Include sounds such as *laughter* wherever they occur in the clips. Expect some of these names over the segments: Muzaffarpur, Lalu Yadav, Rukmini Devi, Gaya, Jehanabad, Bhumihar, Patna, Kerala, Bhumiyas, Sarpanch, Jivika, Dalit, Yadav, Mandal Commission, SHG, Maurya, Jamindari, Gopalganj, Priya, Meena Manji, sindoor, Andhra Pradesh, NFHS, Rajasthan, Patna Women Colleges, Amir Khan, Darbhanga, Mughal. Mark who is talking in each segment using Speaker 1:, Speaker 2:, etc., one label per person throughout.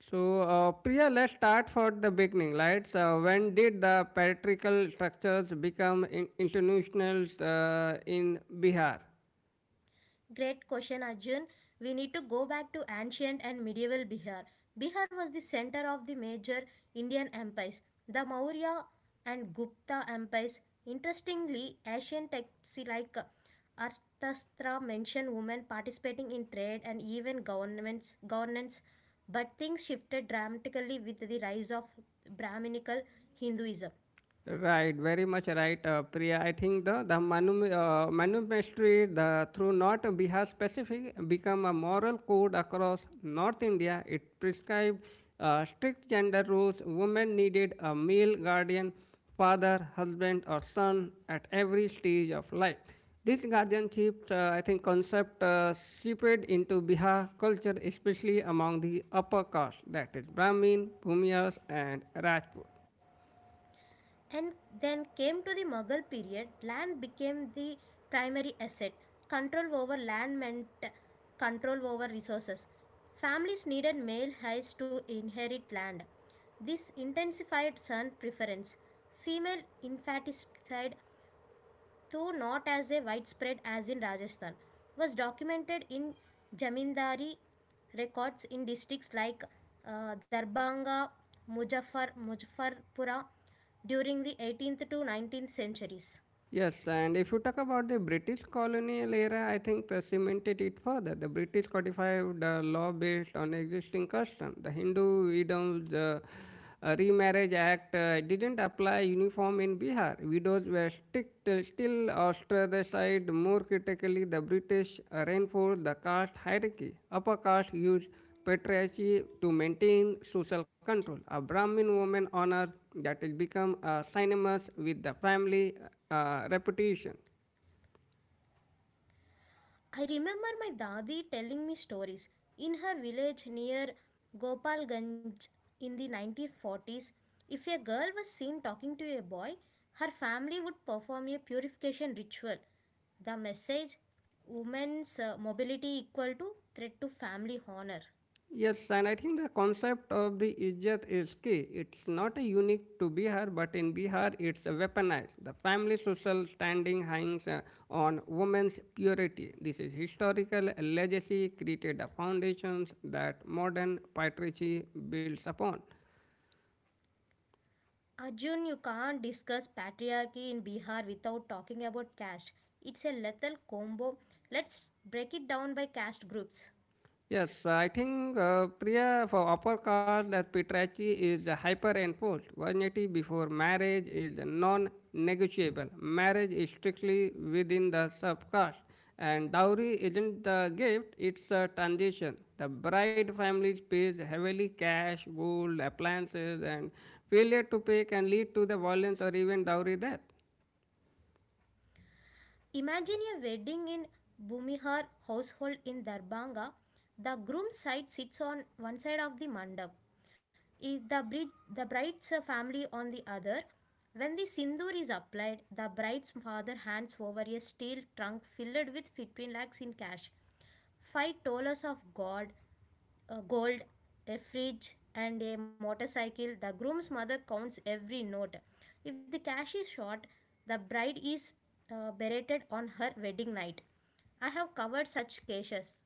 Speaker 1: So, Priya, let's start for the beginning, right? So, when did the patriarchal structures become institutional in Bihar?
Speaker 2: Great question, Arjun. We need to go back to ancient and medieval Bihar. Bihar was the center of the major Indian empires, the Maurya and Gupta empires. Interestingly, ancient texts like Arthashastra mention women participating in trade and even governance, but things shifted dramatically with the rise of Brahminical Hinduism.
Speaker 1: Right, very much right, Priya. I think the manumestry the through not Bihar specific become a moral code across North India. It prescribed strict gender rules. Women needed a male guardian, father, husband, or son at every stage of life. This guardianship, I think, concept seeped into Bihar culture, especially among the upper caste, that is Brahmin, Bhumiyas, and Rajput.
Speaker 2: And then came to the Mughal period, land became the primary asset. Control over land meant control over resources. Families needed male heirs to inherit land. This intensified son preference. Female infanticide, though not as a widespread as in Rajasthan, was documented in Jamindari records in districts like Darbanga, Mujaffarpura during the 18th to 19th centuries.
Speaker 1: Yes, and if you talk about the British colonial era, I think they cemented it further. The British codified the law based on existing custom. The Hindu widows remarriage act didn't apply uniform in Bihar. Widows were strict, still ostracized. More critically, the British reinforced the caste hierarchy. Upper caste used patriarchy to maintain social control. A Brahmin woman on earth that will become synonymous with the family reputation.
Speaker 2: I remember my dadi telling me stories. In her village near Gopalganj in the 1940s, if a girl was seen talking to a boy, her family would perform a purification ritual. The message: women's mobility equal to threat to family honor.
Speaker 1: Yes, and I think the concept of the Ijat is key. It's not a unique to Bihar, but in Bihar it's weaponized. The family social standing hangs on women's purity. This is historical legacy created a foundations that modern patriarchy builds upon.
Speaker 2: Arjun, you can't discuss patriarchy in Bihar without talking about caste. It's a lethal combo. Let's break it down by caste groups.
Speaker 1: Yes, I think Priya, for upper caste that Petrachi is the hyper enforced. 180 before marriage is the non-negotiable. Marriage is strictly within the sub-caste. And dowry isn't the gift, it's a transition. The bride family pays heavily cash, gold, appliances, and failure to pay can lead to the violence or even dowry death.
Speaker 2: Imagine a wedding in Bhumihar household in Darbhanga. The groom's side sits on one side of the mandap. The the bride's family on the other. When the sindoor is applied, the bride's father hands over a steel trunk filled with 15 lakhs in cash, $5 of gold, uh, gold, a fridge, and a motorcycle. The groom's mother counts every note. If the cash is short, the bride is berated on her wedding night. I have covered such cases.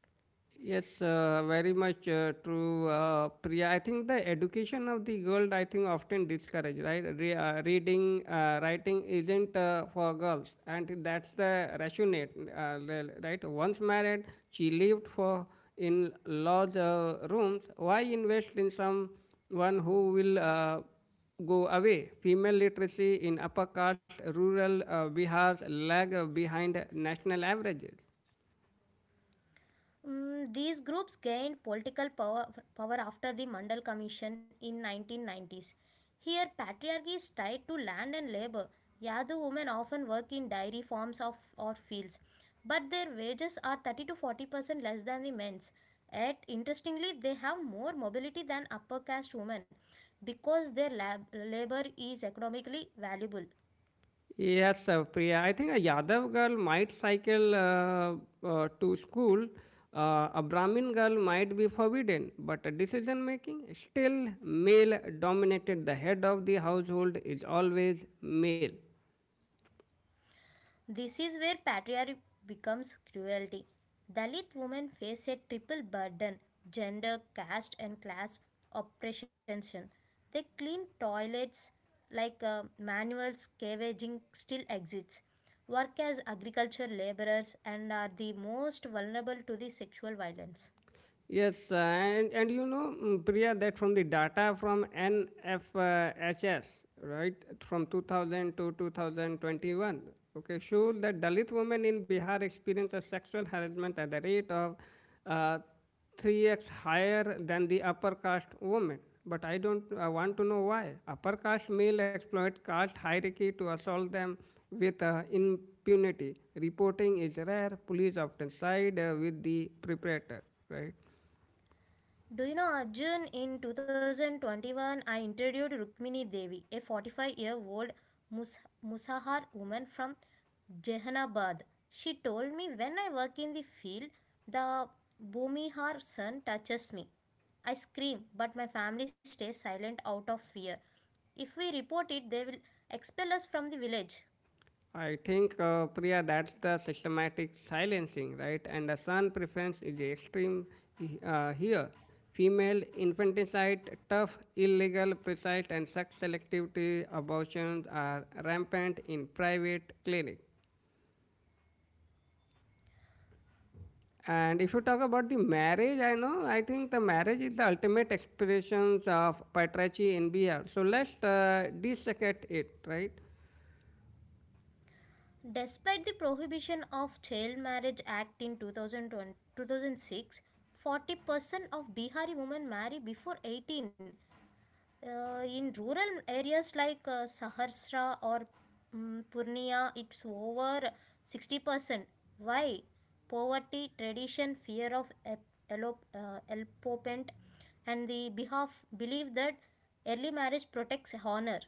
Speaker 1: Yes, very much true, Priya. I think the education of the girl, I think, often discouraged, right? Reading, writing isn't for girls, and that's the rationale, right? Once married, she lived for in large rooms. Why invest in someone who will go away. Female literacy in upper caste rural Bihar lag behind national averages.
Speaker 2: Mm, these groups gained political power after the Mandal Commission in 1990s. Here, patriarchy is tied to land and labor. Yadu women often work in dairy farms or fields, but their wages are 30 to 40% less than the men's. Yet, interestingly, they have more mobility than upper caste women because their labor is economically valuable.
Speaker 1: Yes, Priya. I think a Yadav girl might cycle to school. A Brahmin girl might be forbidden, but decision making still male dominated. The head of the household is always male.
Speaker 2: This is where patriarchy becomes cruelty. Dalit women face a triple burden: gender, caste, and class oppression. They clean toilets, like manual scavenging still exists, work as agriculture laborers, and are the most vulnerable to the sexual violence.
Speaker 1: Yes, and you know, mm, Priya, that from the data from NFHS, right, from 2000 to 2021, okay, shows that Dalit women in Bihar experience a sexual harassment at the rate of uh, 3x higher than the upper caste women. But I don't want to know why. Upper caste male exploit caste hierarchy to assault them with impunity. Reporting is rare. Police often side with the perpetrator, right?
Speaker 2: Do you know, Arjun? In 2021, I interviewed Rukmini Devi, a 45-year-old Mus- Musahar woman from Jehanabad. She told me, when I work in the field, the Bhumihar sun touches me. I scream, but my family stays silent out of fear. If we report it, they will expel us from the village.
Speaker 1: I think, Priya, that's the systematic silencing, right? And the son preference is extreme here. Female infanticide, tough, illegal, precise, and sex selectivity abortions are rampant in private clinics. And if you talk about the marriage, I know, I think the marriage is the ultimate expressions of patriarchy in BR. So let's dissect it, right?
Speaker 2: Despite the prohibition of Child Marriage Act in 2020 2006, percent of Bihari women marry before 18. Uh, in rural areas like Saharsra or Purnia, it's over 60%. Why? Poverty, tradition, fear of elopement, and the behalf believe that early marriage protects honor.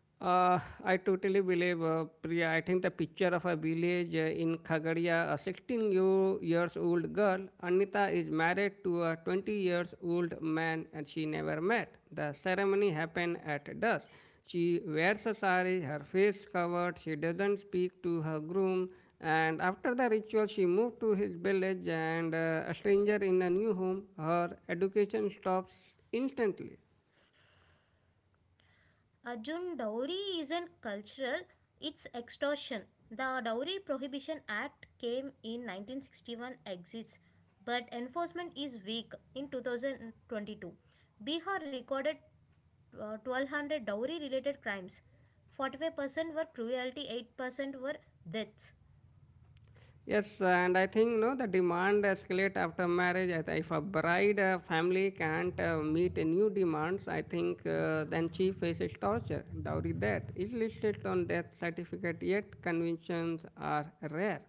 Speaker 1: I totally believe, Priya. I think the picture of a village in Khagadia, a years old girl, Anita, is married to a 20 years old man and she never met. The ceremony happened at dusk. She wears a sari, her face covered, she doesn't speak to her groom, and after the ritual, she moved to his village and a stranger in a new home. Her education stops instantly.
Speaker 2: Arjun, dowry isn't cultural, it's extortion. The Dowry Prohibition Act came in 1961 exists, but enforcement is weak. In 2022, Bihar recorded 1200 dowry related crimes. 45% were cruelty, 8% were deaths.
Speaker 1: Yes, and I think no, the demand escalate after marriage. If a bride family can't meet a new demands, I think then she faces torture. Dowry death is listed on death certificate, yet conventions are rare.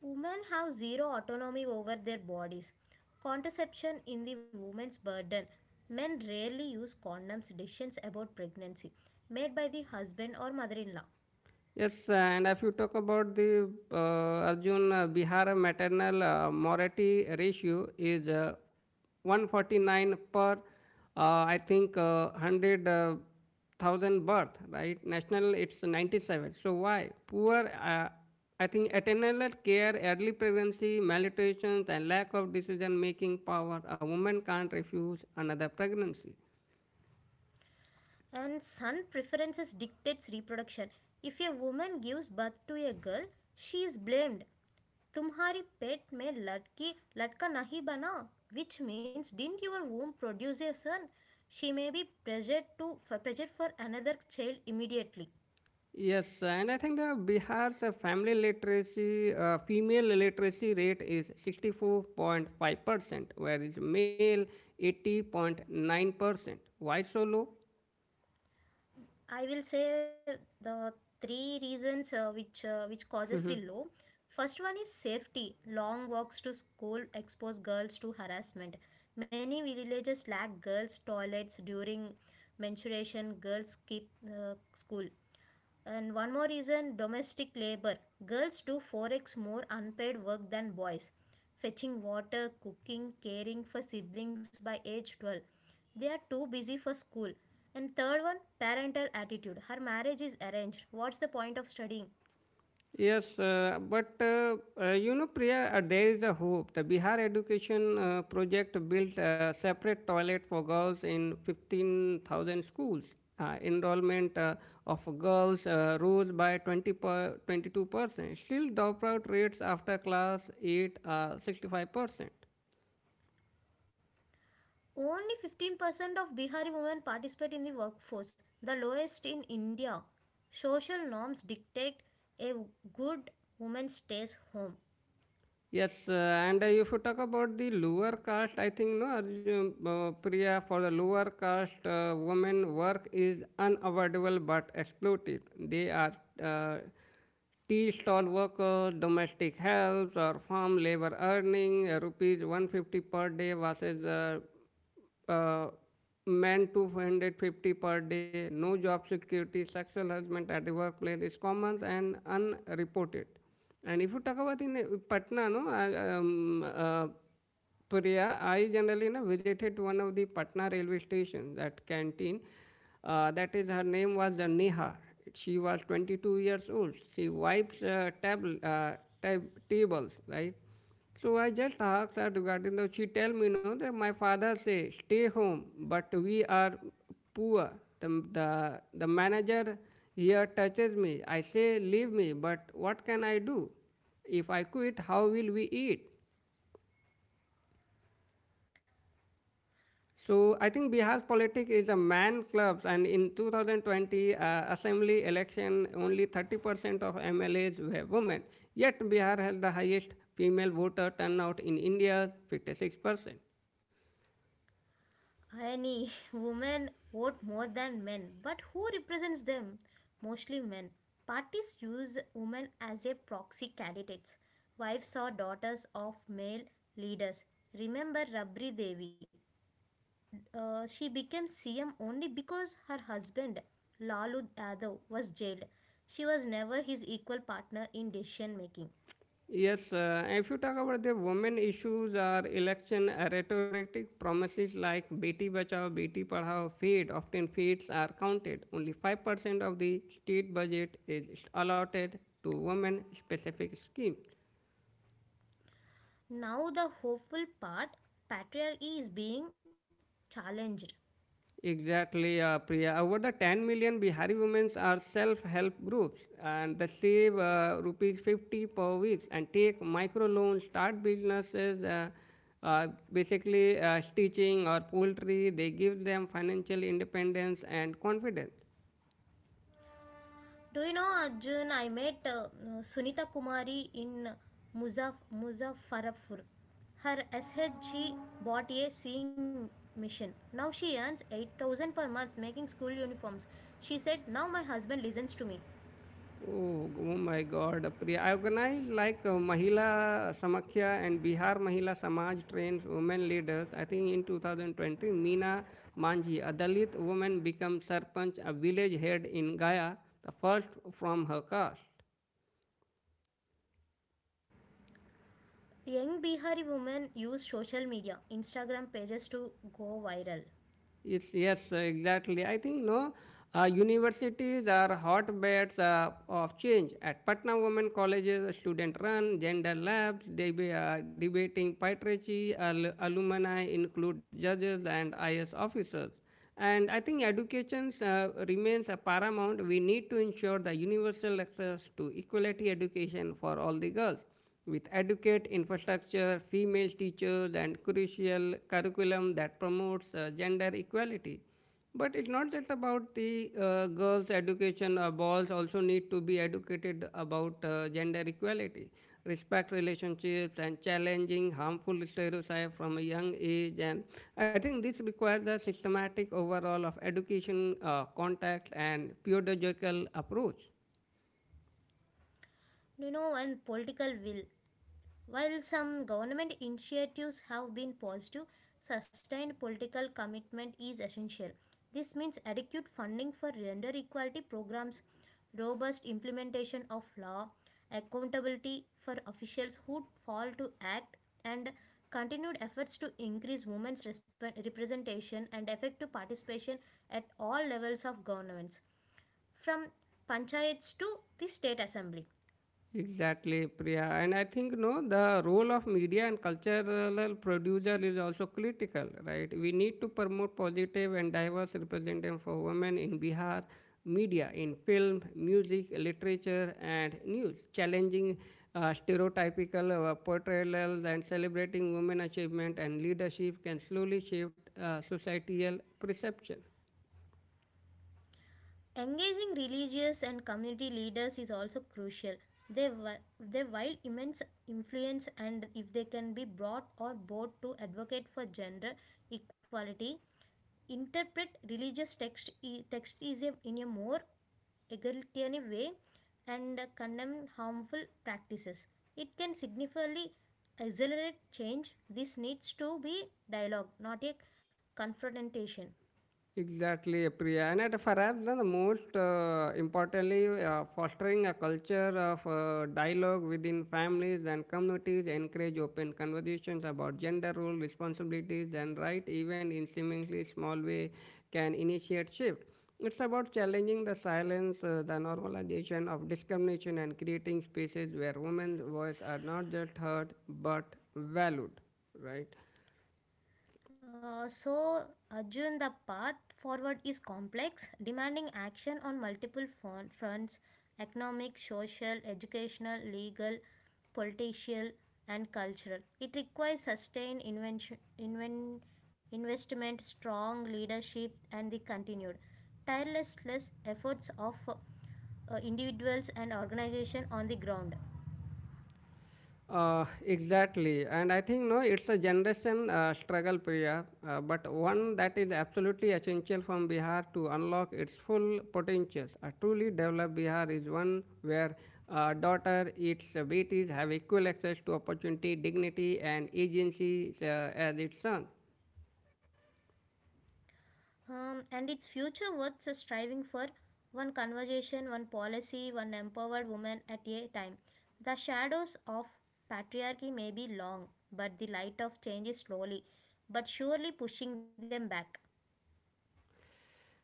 Speaker 2: Women have zero autonomy over their bodies. Contraception in the woman's burden. Men rarely use condoms. Decisions about pregnancy made by the husband or mother-in-law.
Speaker 1: Yes, and if you talk about the Arjun, Bihar maternal mortality ratio is 149 per I think 100,000 birth, right? National it's 97. So why? Poor I think attainable care, early pregnancy, malnutrition and lack of decision making power. A woman can't refuse another pregnancy.
Speaker 2: And son preferences dictates reproduction. If a woman gives birth to a girl, she is blamed. तुम्हारी पेट में लड़की लड़का नहीं बना, which means, didn't your womb produce a son? She may be pressured for another child immediately.
Speaker 1: Yes, and I think the Bihar's family literacy, female literacy rate is 64.5%, whereas male 80.9%. Why so
Speaker 2: I will say the three reasons which causes the
Speaker 1: low? *laughs*
Speaker 2: low. First one is safety. Long walks to school expose girls to harassment. Many villages lack girls' toilets during menstruation. Girls skip school. And one more reason: domestic labor. Girls do 4x more unpaid work than boys, fetching water, cooking, caring for siblings by age 12. They are too busy for school. And third one, parental attitude. Her marriage is arranged. What's the point of studying?
Speaker 1: Yes, but you know, Priya, there is a hope. The Bihar Education Project built a separate toilet for girls in 15,000 schools. Enrollment of girls rose by 22%. Still, dropout rates after class 8 are 65%.
Speaker 2: Only 15% of Bihari women participate in the workforce, the lowest in India. Social norms dictate a good woman stays home.
Speaker 1: Yes, and if you talk about the lower caste, I think no, Arjun, Priya, for the lower caste women, work is unavoidable but exploited. They are uh, tea stall workers, domestic helps, or farm labor earning rupees 150 per day versus uh, men to 450 per day, no job security, sexual harassment at the workplace is common and unreported. And if you talk about in Patna, no, Priya, I generally na, visited one of the Patna railway station, that canteen. That is, her name was Neha. She was 22 years old. She wipes tables, right? So I just asked her regarding the. She tell me, no, that my father say stay home, but we are poor. The, the manager here touches me. I say leave me, but what can I do? If I quit, how will we eat? So I think Bihar's politics is a man club, and in 2020 assembly election, only 30% of MLAs were women. Yet Bihar has the highest female voter turnout in India, 56%.
Speaker 2: Any *laughs* women vote more than men, but who represents them? Mostly men. Parties use women as a proxy candidates, wives or daughters of male leaders. Remember Rabri Devi? She became CM only because her husband Lalu Yadav was jailed. She was never his equal partner in decision making.
Speaker 1: Yes, if you talk about the women issues or election rhetoric, promises like Beti Bachao, Beti Padhao feed. Often feeds are counted. Only 5% of the state budget is allotted to women specific schemes.
Speaker 2: Now the hopeful part, patriarchy is being challenged.
Speaker 1: Exactly, Priya. Over the 10 million Bihari women are self-help groups, and they save rupees 50 per week and take micro loans, start businesses, basically stitching or poultry. They give them financial independence and confidence.
Speaker 2: Do you know, Arjun, I met Sunita Kumari in Muzaffarpur. Her SHG bought a sewing machine. Now she earns 8,000 per month making school uniforms. She said, now my husband listens to me.
Speaker 1: Oh, oh my God, Priya. I organized like Mahila Samakhya and Bihar Mahila Samaj trains women leaders. I think in 2020, Meena Manji, a Dalit woman, became Sarpanch, a village head in Gaya, the first from her caste.
Speaker 2: Young Bihari women use social media, Instagram pages to go viral.
Speaker 1: Yes, yes, exactly. I think no, universities are hotbeds of change. At Patna Women Colleges, student run gender labs. They be debating patriarchy. Alumni include judges and IS officers. And I think education remains a paramount. We need to ensure the universal access to equality education for all the girls with adequate infrastructure, female teachers, and crucial curriculum that promotes gender equality. But it's not just about the girls' education. Boys also need to be educated about gender equality, respect relationships, and challenging harmful stereotypes from a young age. And I think this requires a systematic overall of education, context, and pedagogical approach.
Speaker 2: Do you know, one political will. While some government initiatives have been positive, sustained political commitment is essential. This means adequate funding for gender equality programs, robust implementation of law, accountability for officials who fail to act, and continued efforts to increase women's representation and effective participation at all levels of governments, from panchayats to the state assembly.
Speaker 1: Exactly, Priya. And I think no, the role of media and cultural producer is also critical, right? We need to promote positive and diverse representation for women in Bihar media, in film, music, literature, and news, challenging stereotypical portrayals and celebrating women achievement and leadership can slowly shift societal perception.
Speaker 2: Engaging religious and community leaders is also crucial. They wield immense influence, and if they can be brought or bought to advocate for gender equality, interpret religious text is a, in a more egalitarian way, and condemn harmful practices, it can significantly accelerate change. This needs to be dialogue, not a confrontation.
Speaker 1: Exactly, Priya. And at perhaps the most importantly, fostering a culture of dialogue within families and communities, encourage open conversations about gender role, responsibilities, and right, even in seemingly small way, can initiate shift. It's about challenging the silence, the normalization of discrimination, and creating spaces where women's voice are not just heard but valued, right?
Speaker 2: So, Arjun, the path forward is complex, demanding action on multiple fronts: economic, social, educational, legal, political, and cultural. It requires sustained investment, strong leadership, and the continued tireless efforts of individuals and organizations on the ground.
Speaker 1: Exactly, and I think no, it's a generation struggle, Priya, but one that is absolutely essential from Bihar to unlock its full potential. A truly developed Bihar is one where daughter, its beaties have equal access to opportunity, dignity, and agency as its son.
Speaker 2: Um, and its future worth striving for, one conversation, one policy, one empowered woman at a time. The shadows of patriarchy may be long, but the light of change is slowly but surely pushing them back.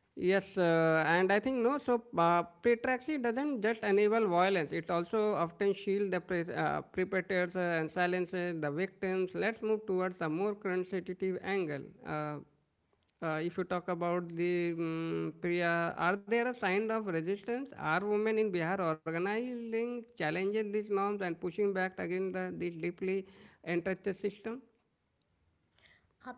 Speaker 1: Yes, and I think no. So patriarchy doesn't just enable violence; it also often shield the perpetrators and silences the victims. Let's move towards a more sensitive angle. If you talk about the Priya, are there a sign of resistance? Are women in Bihar organizing, challenging these norms, and pushing back against this deeply entrenched system?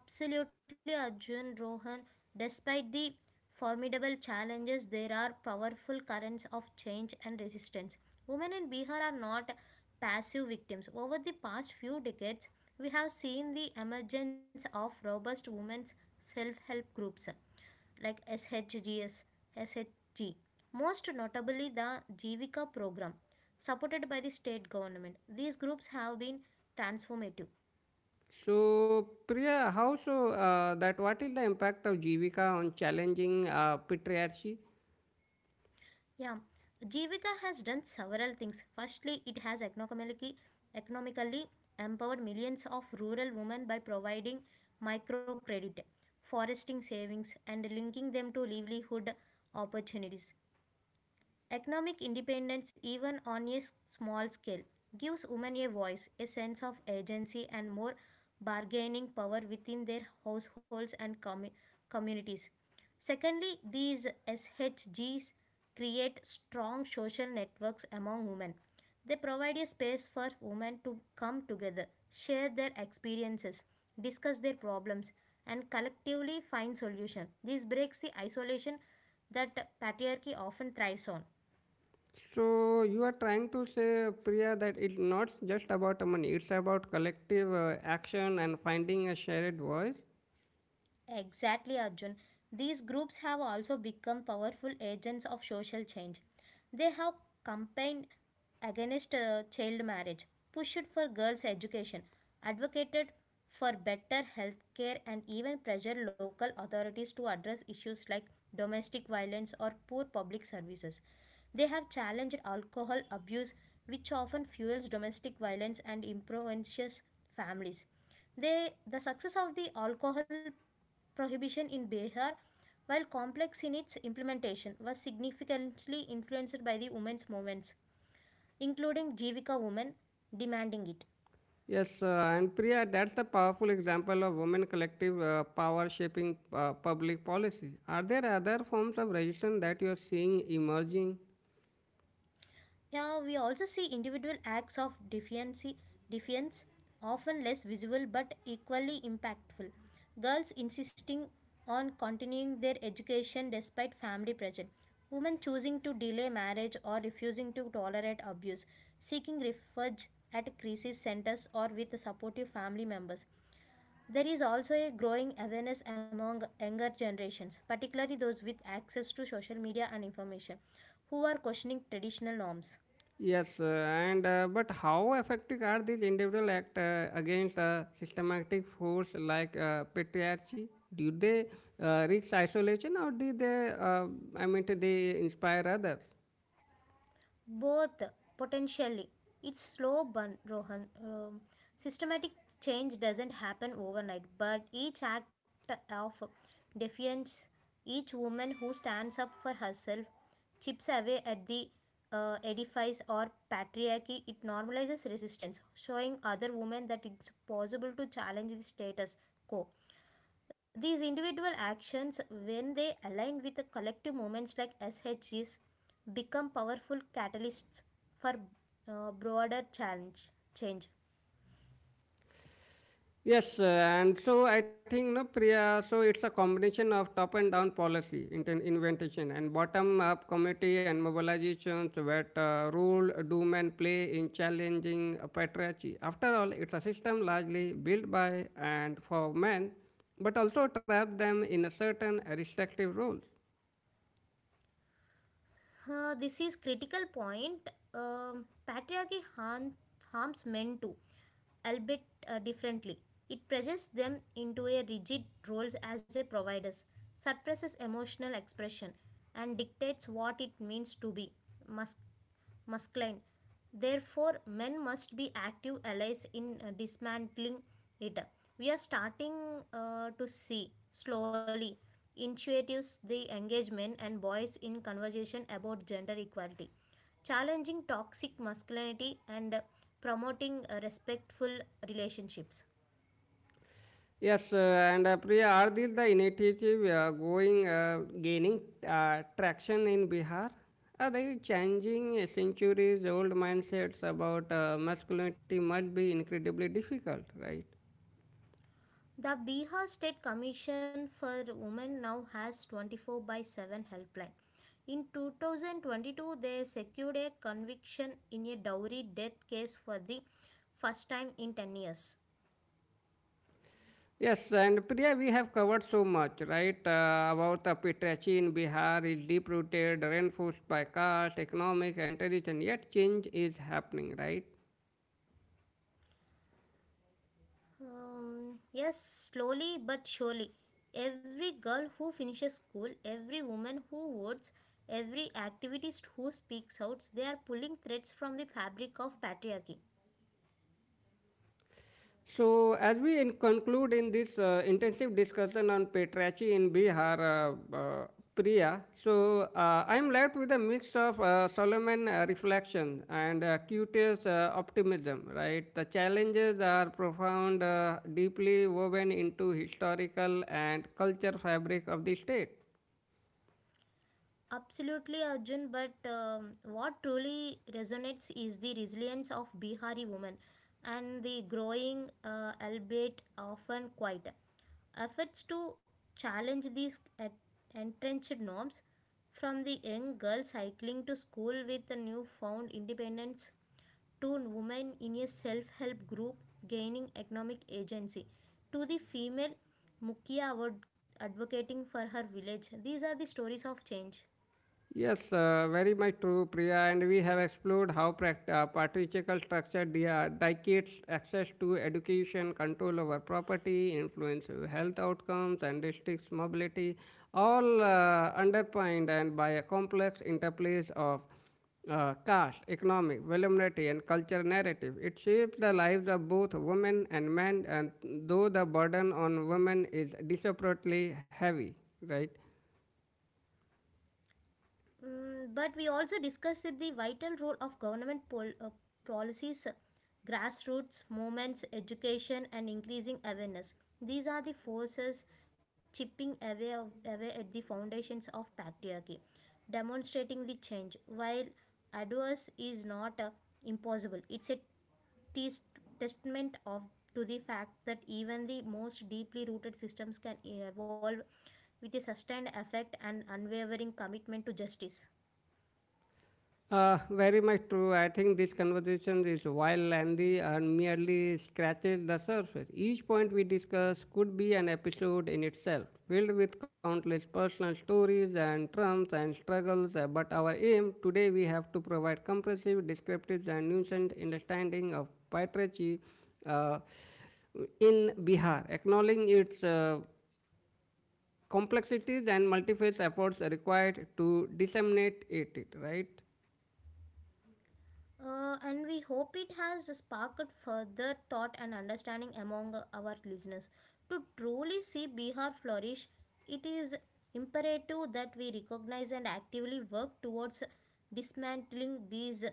Speaker 2: Absolutely, Arjun Rohan. Despite the formidable challenges, there are powerful currents of change and resistance. Women in Bihar are not passive victims. Over the past few decades, we have seen the emergence of robust women's self help groups, like SHG, most notably the Jivika program supported by the state government. These groups have been transformative.
Speaker 1: So, Priya, how so that what is the impact of Jivika on challenging patriarchy?
Speaker 2: Yeah, Jivika has done several things. Firstly, it has economically empowered millions of rural women by providing microcredit, foresting savings, and linking them to livelihood opportunities. Economic independence, even on a small scale, gives women a voice, a sense of agency, and more bargaining power within their households and communities. Secondly, these SHGs create strong social networks among women. They provide a space for women to come together, share their experiences, discuss their problems, and collectively find solutions. This breaks the isolation that patriarchy often thrives on.
Speaker 1: So, you are trying to say, Priya, that it's not just about money, it's about collective action and finding a shared voice.
Speaker 2: Exactly, Arjun. These groups have also become powerful agents of social change. They have campaigned against child marriage, pushed for girls' education, advocated for better health care, and even pressured local authorities to address issues like domestic violence or poor public services. They have challenged alcohol abuse, which often fuels domestic violence and impoverishes families. They, the success of the alcohol prohibition in Bihar, while complex in its implementation, was significantly influenced by the women's movements, including Jivika women demanding it.
Speaker 1: Yes, and Priya, that's a powerful example of women collective power shaping public policy. Are there other forms of resistance that you are seeing emerging?
Speaker 2: Yeah, we also see individual acts of defiance, often less visible but equally impactful. Girls insisting on continuing their education despite family pressure. Women choosing to delay marriage or refusing to tolerate abuse. Seeking refuge at crisis centers or with supportive family members. There is also a growing awareness among younger generations, particularly those with access to social media and information, who are questioning traditional norms.
Speaker 1: Yes, and but how effective are these individual acts against a systematic force like patriarchy? Do they reach isolation, or do they? I mean, they inspire others?
Speaker 2: Both potentially. It's slow burn, Rohan. Systematic change doesn't happen overnight, but each act of defiance, each woman who stands up for herself, chips away at the edifice or patriarchy. It normalizes resistance, showing other women that it's possible to challenge the status quo. These individual actions, when they align with the collective movements like SHGs, become powerful catalysts for broader challenge change.
Speaker 1: Yes, and so I think no Priya. So it's a combination of top and down policy, invention, and bottom up committee and mobilizations that rule, doom, and play in challenging patriarchy. After all, it's a system largely built by and for men, but also trap them in a certain restrictive roles.
Speaker 2: This is critical point. Harms men too, albeit differently. It pressures them into a rigid roles as a providers, suppresses emotional expression, and dictates what it means to be mus- masculine. Therefore, men must be active allies in dismantling it. We are starting to see slowly initiatives the engagement and boys in conversation about gender equality, challenging toxic masculinity and promoting respectful relationships.
Speaker 1: Yes, and Priya, are these the initiative going gaining traction in Bihar? Are they changing centuries-old mindsets about masculinity must be incredibly difficult, right?
Speaker 2: The Bihar State Commission for Women now has 24 by 7 helpline. In 2022, they secured a conviction in a dowry death case for the first time in 10 years.
Speaker 1: Yes, and Priya, we have covered so much, right? About the patriarchy in Bihar is deep-rooted, reinforced by caste, economics, and religion. Yet change is happening, right?
Speaker 2: Yes, slowly but surely. Every girl who finishes school, every woman who votes, every activist who speaks out, they are pulling threads from the fabric of patriarchy.
Speaker 1: So, as we in conclude in this intensive discussion on patriarchy in Bihar, uh, uh, Priya, so I'm left with a mix of Solomon reflection and curious optimism, right? The challenges are profound, deeply woven into historical and culture fabric of the state.
Speaker 2: Absolutely, Arjun. But what truly resonates is the resilience of Bihari women and the growing, albeit often quiet, efforts to challenge these entrenched norms, from the young girl cycling to school with a newfound independence, to women in a self help group gaining economic agency, to the female Mukia advocating for her village. These are the stories of change.
Speaker 1: Yes, very much true, Priya. And we have explored how patriarchal structure dictates access to education, control over property, influence of health outcomes, and restricts mobility, all underpinned and by a complex interplays of caste, economic, vulnerability, and culture narrative. It shapes the lives of both women and men, and though the burden on women is disproportionately heavy, right?
Speaker 2: Mm, but we also discussed the vital role of government policies, grassroots movements, education, and increasing awareness. These are the forces chipping away at the foundations of patriarchy, demonstrating the change. While adverse is not impossible, it's a tes- testament of to the fact that even the most deeply rooted systems can evolve with a sustained effect and unwavering commitment to justice.
Speaker 1: Very much true. I think this conversation is while lengthy and merely scratches the surface. Each point we discuss could be an episode in itself, filled with countless personal stories and triumphs and struggles. But our aim today we have to provide comprehensive, descriptive, and nuanced understanding of patriarchy uh, in Bihar, acknowledging its complexities and multifaceted efforts required to disseminate it. Right?
Speaker 2: And we hope it has sparked further thought and understanding among our listeners. To truly see Bihar flourish, it is imperative that we recognize and actively work towards dismantling these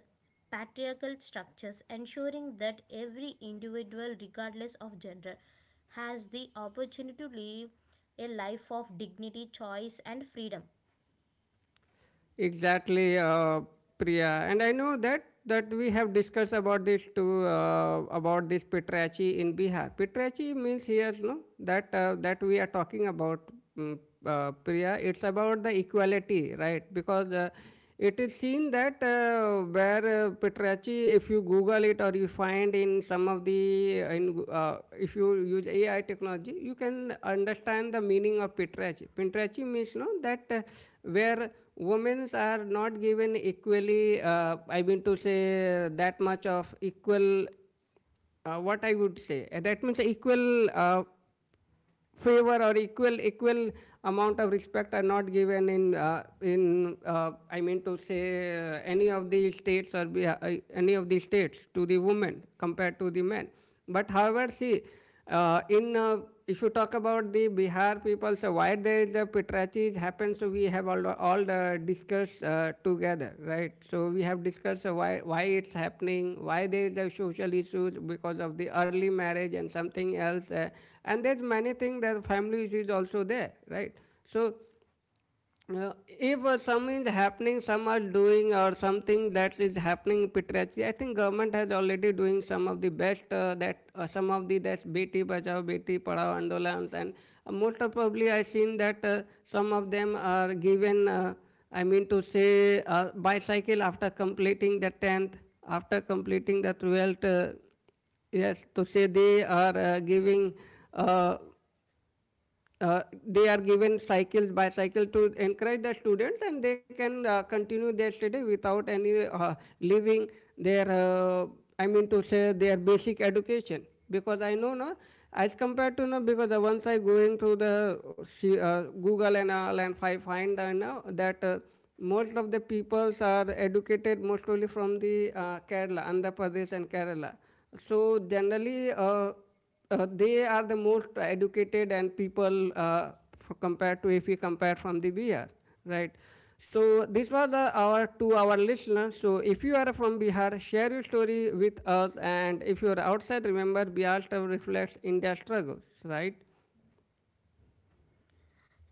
Speaker 2: patriarchal structures, ensuring that every individual, regardless of gender, has the opportunity to live a life of dignity, choice, and freedom.
Speaker 1: Exactly, Priya. And I know that we have discussed about this too about this Pitrachi in Bihar. Pitrachi means here, no, that that we are talking about, mm, Priya. It's about the equality, right? Because it is seen that where Petrachi, if you Google it or you find in some of the, in, if you use AI technology, you can understand the meaning of Petrachi. Petrachi means no that where women are not given equally, I mean to say that much of equal what I would say. That means equal favor or equal amount of respect are not given in I mean to say any of the states or be, any of the states to the women compared to the men. But however, see in if you talk about the Bihar people. So why there is a Pitrachi happens, so we have all the discussed together, right? So we have discussed uh, why it's happening, why there is a social issues because of the early marriage and something else, and there's many things that family issues also there, right? So if some is happening, some are doing or something that is happening in Pitrachi, I think government has already doing some of the best that some of the that Beti Bachao, Beti Padhao Andolans and most of probably I seen that some of them are given, I mean to say, bicycle after completing the 10th, after completing the 12th, Yes, to say they are giving uh, they are given cycles by cycle to encourage the students and they can continue their study without any leaving their I mean to say their basic education because I know no as compared to no because once I going through the Google and all and I find I know that most of the peoples are educated mostly from the Kerala, Andhra Pradesh and Kerala. So generally they are the most educated and people compared to if we compare from the Bihar, right? So this was the, our to our listeners. So if you are from Bihar, share your story with us, and if you are outside, remember Bihar still reflects India's struggles, right?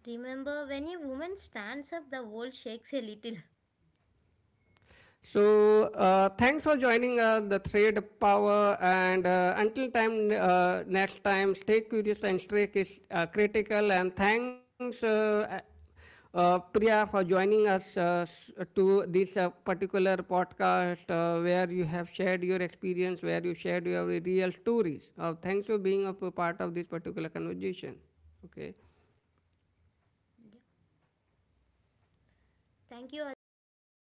Speaker 2: Remember, when a woman stands up, the world shakes a little.
Speaker 1: So, thanks for joining the Thread Power. And until time, next time, stay curious and stay critical. And thanks, Priya, for joining us to this particular podcast where you have shared your experience, where you shared your real stories. Thanks for being a part of this particular conversation. Okay.
Speaker 2: Thank you, Arjun, for